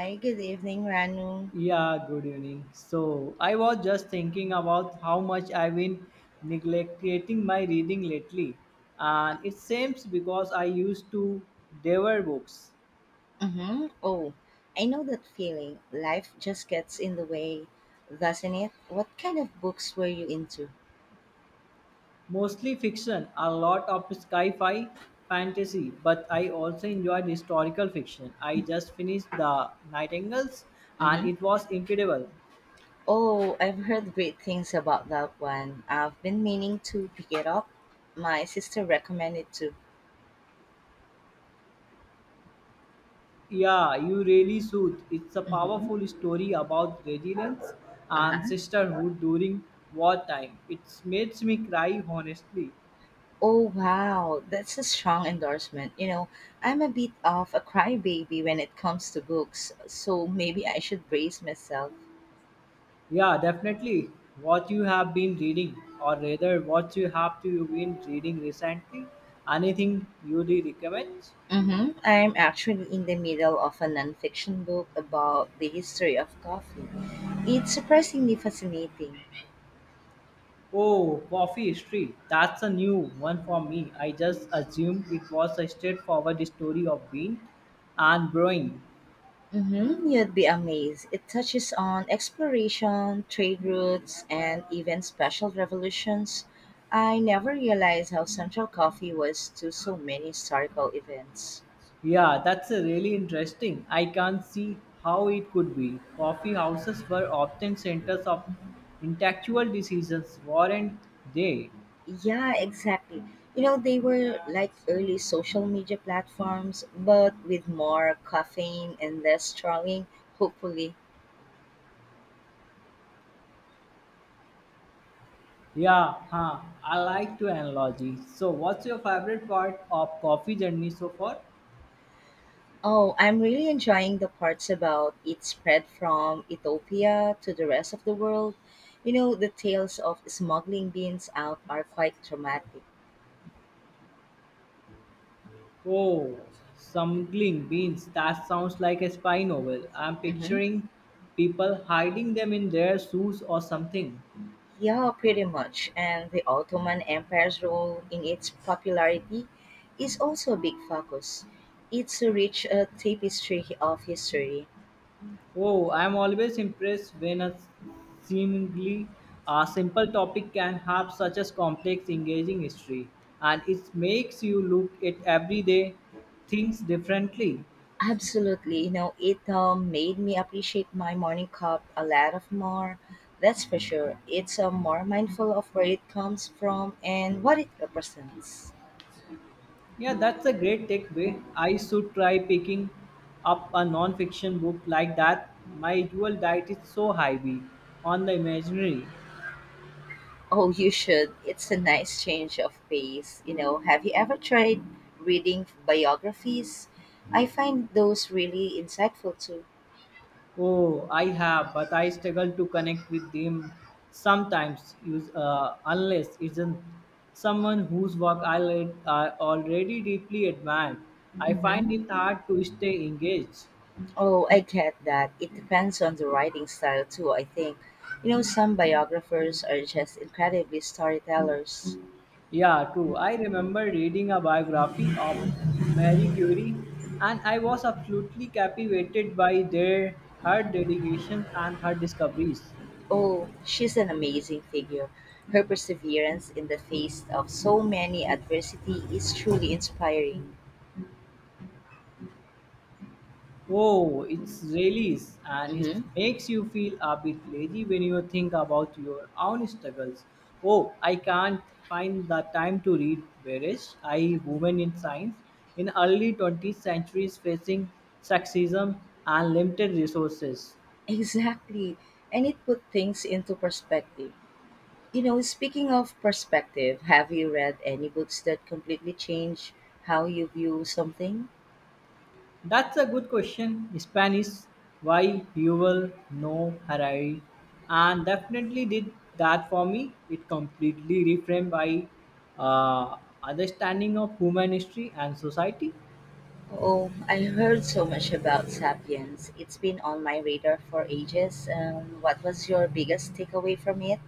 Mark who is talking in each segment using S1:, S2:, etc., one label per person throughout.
S1: Hi, good evening, Ranu.
S2: Yeah, good evening. So, I was just thinking about how much I've been neglecting my reading lately, and it seems because I used to devour books,
S1: Mm-hmm. Oh, I know that feeling. Life just gets in the way, doesn't it? What kind of books were you into?
S2: mostly fiction, a lot of sci-fi, fantasy, but I also enjoyed historical fiction. I just finished The Nightingales, and
S1: Mm-hmm.
S2: it was incredible.
S1: Oh, I've heard great things about that one. I've been meaning to pick it up. My sister recommended to.
S2: Yeah, you really should. It's a powerful
S1: Mm-hmm.
S2: story about resilience and
S1: Uh-huh.
S2: sisterhood during wartime. It makes me cry, honestly.
S1: Oh, wow. That's a strong endorsement. I'm a bit of a crybaby when it comes to books, so maybe I should brace myself.
S2: Yeah, definitely. What you have been reading, or rather, what you have to been reading recently? Anything you do recommend?
S1: Hmm. I'm actually in the middle of a nonfiction book about the history of coffee. It's surprisingly fascinating.
S2: Oh, coffee history. That's a new one for me. I just assumed it was a straightforward story of being and brewing.
S1: Hmm. You'd be amazed. It touches on exploration, trade routes, and even special revolutions. I never realized how central coffee was to so many historical events.
S2: Yeah, that's a really interesting. I can't see how it could be. Coffee houses were often centers of intellectual decisions, weren't they?
S1: Yeah, exactly. You know, they were like early social media platforms, but with more caffeine and less trolling, hopefully.
S2: Yeah, huh. I like to analogy. So, what's your favorite part of coffee journey so far?
S1: Oh, I'm really enjoying the parts about it spread from Ethiopia to the rest of the world. You know, the tales of smuggling beans out are quite dramatic.
S2: Oh, smuggling beans. That sounds like a spy novel. I'm
S1: Hmm.
S2: picturing people hiding them in their shoes or something.
S1: Yeah, pretty much. And the Ottoman Empire's role in its popularity is also a big focus. It's a rich tapestry of history.
S2: Oh, I'm always impressed when a seemingly a simple topic can have such a complex, engaging history, and it makes you look at everyday things differently.
S1: Absolutely. You know, it made me appreciate my morning cup a lot of more. That's for sure. It's more mindful of where it comes from and what it represents.
S2: Yeah, that's a great takeaway. I should try picking up a non-fiction book like that. My usual diet is so heavy on the imaginary.
S1: Oh, you should. It's a nice change of pace. You know, have you ever tried reading biographies? I find those really insightful too.
S2: Oh, I have, but I struggle to connect with them sometimes, use, unless it's an, someone whose work I, I already deeply admire. I find
S1: Mm-hmm.
S2: it hard to stay engaged.
S1: Oh, I get that. It depends on the writing style too, I think. You know, some biographers are just incredibly storytellers.
S2: Yeah, true. I remember reading a biography of Marie Curie, and I was absolutely captivated by their her dedication and her discoveries.
S1: Oh, she's an amazing figure. Her perseverance in the face of so many adversity is truly inspiring.
S2: Oh, it's really and it
S1: Hmm.
S2: makes you feel a bit lazy when you think about your own struggles. Oh, I can't find the time to read. Whereas I, woman in science, in early 20th centuries facing sexism and limited resources.
S1: Exactly. And it put things into perspective. You know, speaking of perspective, have you read any books that completely change how you view something?
S2: That's a good question. Spanish, why Yuval no Harari, and definitely did that for me. It completely reframed my uh, understanding of human history and society.
S1: Oh, I heard so much about Sapiens. It's been on my radar for ages. What was your biggest takeaway from it?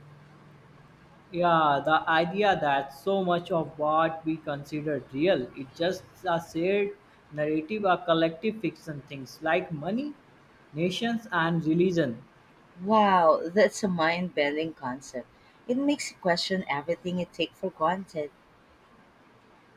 S2: Yeah, the idea that so much of what we consider real is just a shared narrative or collective fiction. Things like money, nations, and religion.
S1: Wow, that's a mind bending concept. It makes you question everything you take for granted.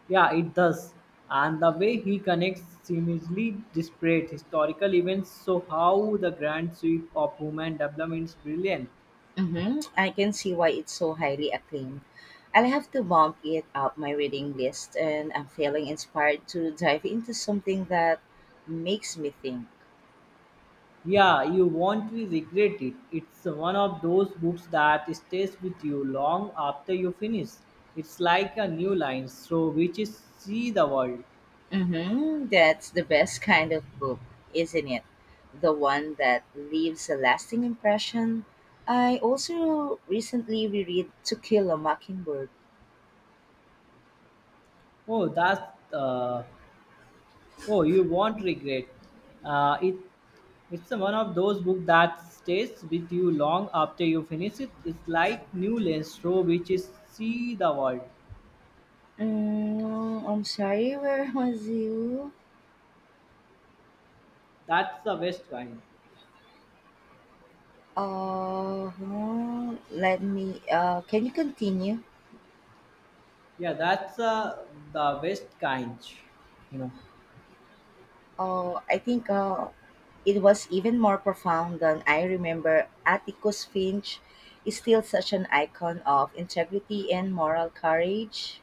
S2: Yeah, it does. And the way he connects seemingly disparate historical events, so how the grand sweep of human development is brilliant.
S1: Hmm. I can see why it's so highly acclaimed. I'll have to bump it up my reading list, and I'm feeling inspired to dive into something that makes me think.
S2: Yeah, you won't regret it. It's one of those books that stays with you long after you finish. It's like a new line through which is see the world.
S1: Hmm. That's the best kind of book, isn't it? The one that leaves a lasting impression. I also recently reread To Kill a Mockingbird.
S2: Oh, that's uh, Oh, you won't regret. Uh, it it's one of those books that stays with you long after you finish it. It's like new lens through which is see the world.
S1: Mm, I'm sorry, where was you?
S2: That's the best kind.
S1: Hmm, let me, can you continue?
S2: Yeah, that's the best kind. You know.
S1: I think it was even more profound than I remember. Atticus Finch is still such an icon of integrity and moral courage.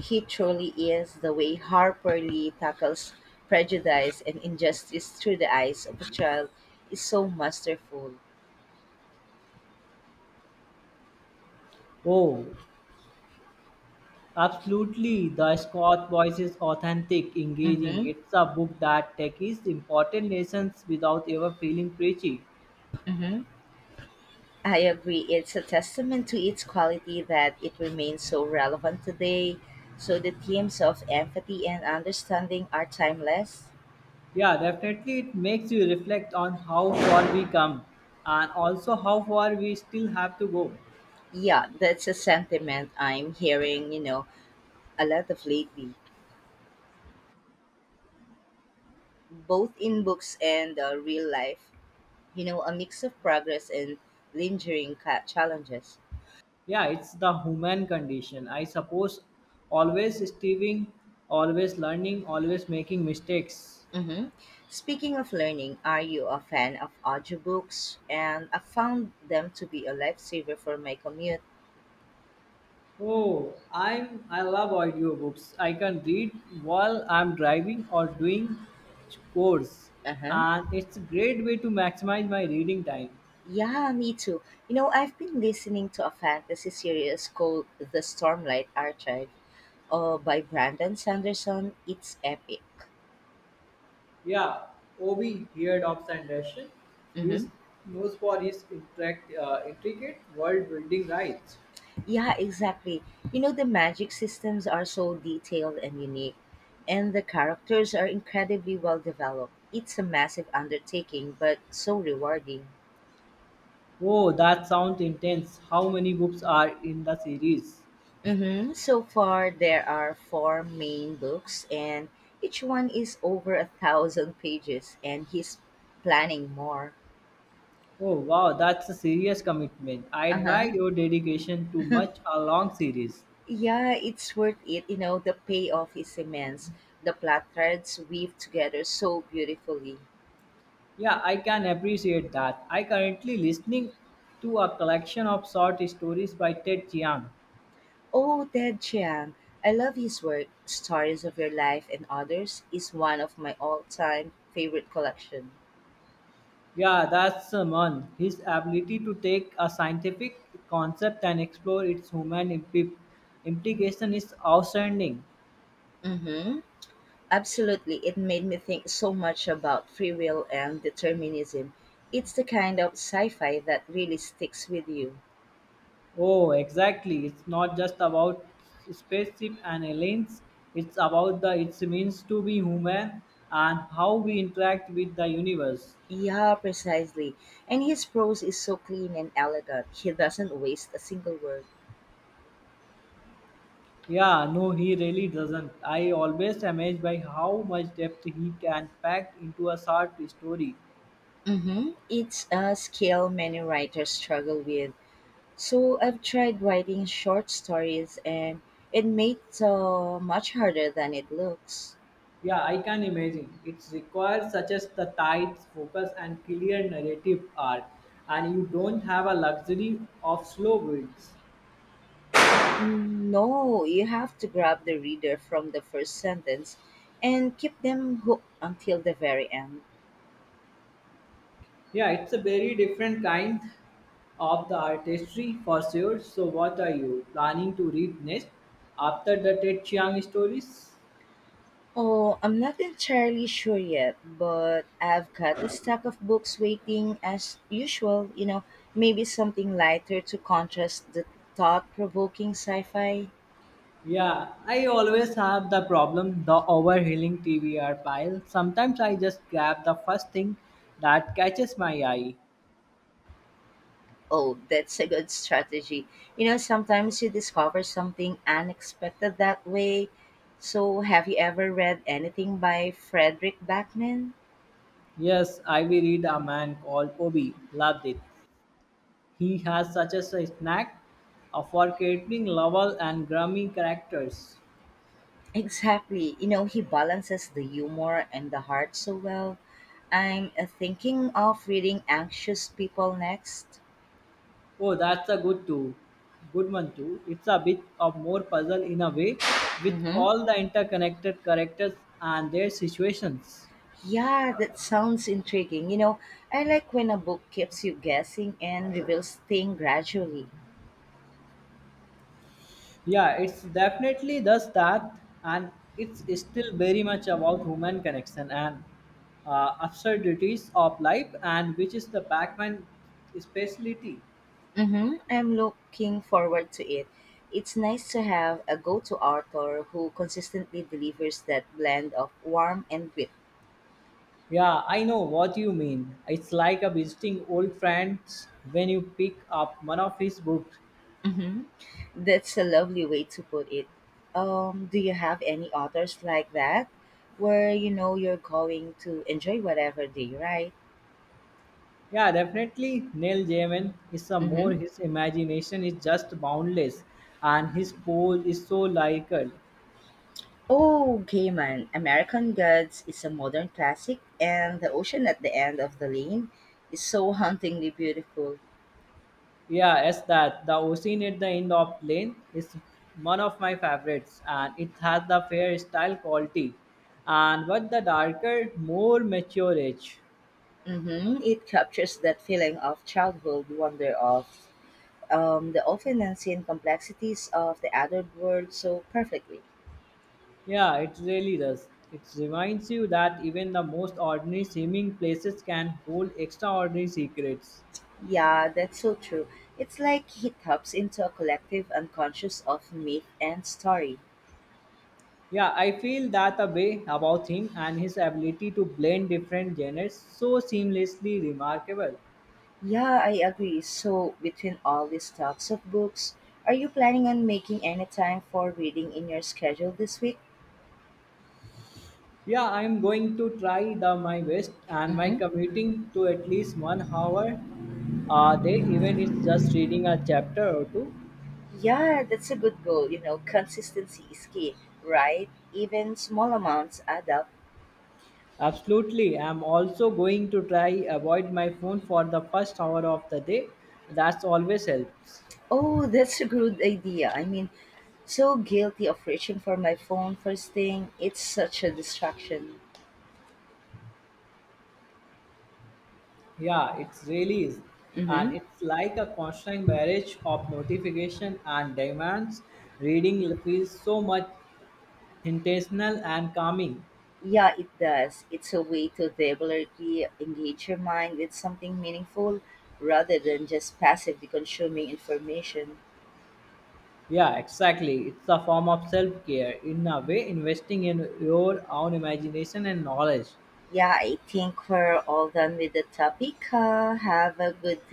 S1: He truly is the way Harper Lee tackles prejudice and injustice through the eyes of a child is so masterful.
S2: Oh, absolutely. The Scott voice is authentic, engaging.
S1: Mm-hmm,
S2: It's a book that takes important lessons without ever feeling preachy.
S1: mm-hmm. I agree. It's a testament to its quality that it remains so relevant today. So the themes of empathy and understanding are timeless.
S2: Yeah, definitely. It makes you reflect on how far we come and also how far we still have to go.
S1: Yeah, that's a sentiment I'm hearing, you know, a lot of lately, both in books and real life. You know, a mix of progress and lingering challenges.
S2: Yeah, it's the human condition. I suppose always striving, always learning, always making mistakes.
S1: Mm-hmm. Speaking of learning, are you a fan of audiobooks? And I found them to be a lifesaver for my commute.
S2: Oh, I love audiobooks. I can read while I'm driving or doing chores,
S1: Uh-huh.
S2: and it's a great way to maximize my reading time.
S1: Yeah, me too. You know, I've been listening to a fantasy series called The Stormlight Archive by Brandon Sanderson. It's epic.
S2: Yeah, Obi heard of Sanderson. He's
S1: Hmm.
S2: known for his intricate world building rights.
S1: Yeah, exactly. You know, the magic systems are so detailed and unique, and the characters are incredibly well developed. It's a massive undertaking, but so rewarding.
S2: Oh, that sounds intense. How many books are in the series?
S1: Mm-hmm. So far, there are four main books, and each one is over a thousand pages, and he's planning more.
S2: Oh, wow, that's a serious commitment. I
S1: Uh huh.
S2: admire your dedication to much a long series.
S1: Yeah, it's worth it. You know, the payoff is immense. The plot threads weave together so beautifully.
S2: Yeah, I can appreciate that. I currently listening to a collection of short stories by Ted Chiang.
S1: Oh, Ted Chiang. I love his work. Stories of Your Life and Others is one of my all-time favorite collection.
S2: Yeah, that's the. His ability to take a scientific concept and explore its human implication is outstanding.
S1: Mm-hmm. Absolutely. It made me think so much about free will and determinism. It's the kind of sci-fi that really sticks with you.
S2: Oh, exactly. It's not just about spaceship and aliens. It's about the its means to be human and how we interact with the universe.
S1: Yeah, precisely. And his prose is so clean and elegant. He doesn't waste a single word.
S2: Yeah, no, he really doesn't. I always amazed by how much depth he can pack into a short story.
S1: Mm-hmm. It's a skill many writers struggle with. So I've tried writing short stories and it made so much harder than it looks.
S2: Yeah, I can imagine. It requires such as the tight focus and clear narrative arc, and you don't have a luxury of slow builds.
S1: No, you have to grab the reader from the first sentence and keep them hooked until the very end.
S2: Yeah, it's a very different kind of the artistry for sure. So, what are you planning to read next after the Ted Chiang stories?
S1: Oh, I'm not entirely sure yet, but I've got a stack of books waiting as usual, you know, maybe something lighter to contrast the thought provoking sci fi.
S2: Yeah, I always have the problem the overhauling TBR file. Sometimes I just grab the first thing that catches my eye.
S1: Oh, that's a good strategy. You know, sometimes you discover something unexpected that way. So, have you ever read anything by Frederick Backman?
S2: Yes, I will read a man called Obi. Loved it. He has such a knack for creating lovable and grimy characters.
S1: Exactly. You know, he balances the humor and the heart so well. I'm thinking of reading Anxious People next.
S2: Oh, that's a good too. Good one too. It's a bit of more puzzle in a way, with
S1: Mm-hmm.
S2: all the interconnected characters and their situations.
S1: Yeah, that sounds intriguing. You know, I like when a book keeps you guessing and reveals things gradually.
S2: Yeah, it's definitely does that, and it's still very much about human connection and absurdities of life, and which is the Batman specialty.
S1: Mm-hmm. I'm looking forward to it. It's nice to have a go to author who consistently delivers that blend of warmth and wit.
S2: Yeah, I know what you mean. It's like a visiting old friends when you pick up one of his books.
S1: Mm-hmm. That's a lovely way to put it. Do you have any authors like that where you know you're going to enjoy whatever they write?
S2: Yeah, definitely. Neil Gaiman is a more
S1: Mm-hmm.
S2: his imagination is just boundless, and his pole is so lyrical.
S1: Oh, Gaiman, American Gods is a modern classic, and the ocean at the end of the lane is so hauntingly beautiful.
S2: Yeah, as that the ocean at the end of Lane is one of my favorites, and it has the fair style quality, and but the darker, more mature edge.
S1: Hmm. It captures that feeling of childhood wonder of the often unseen complexities of the adult world so perfectly.
S2: Yeah, it really does. It reminds you that even the most ordinary seeming places can hold extraordinary secrets.
S1: Yeah, that's so true. It's like he taps into a collective unconscious of myth and story.
S2: Yeah, I feel that a way about him and his ability to blend different genres so seamlessly remarkable.
S1: Yeah, I agree. So, between all these talks of books, are you planning on making any time for reading in your schedule this week?
S2: Yeah, I am going to try the my best and my
S1: Mm-hmm.
S2: commuting to at least 1 hour a day, even it's just reading a chapter or two.
S1: Yeah, that's a good goal. You know, consistency is key, right? Even small amounts add up.
S2: Absolutely. I'm also going to try avoid my phone for the first hour of the day. That's always helps.
S1: Oh, that's a good idea. I mean, so guilty of reaching for my phone first thing. It's such a distraction.
S2: Yeah, it's really is. And
S1: Mm-hmm.
S2: it's like a constant barrage of notification and demands. Reading feels so much intentional and calming.
S1: Yeah, it does. It's a way to deliberately engage your mind with something meaningful rather than just passively consuming information.
S2: Yeah, exactly. It's a form of self care. In a way, investing in your own imagination and knowledge.
S1: Yeah, I think we're all done with the topic. Have a good day.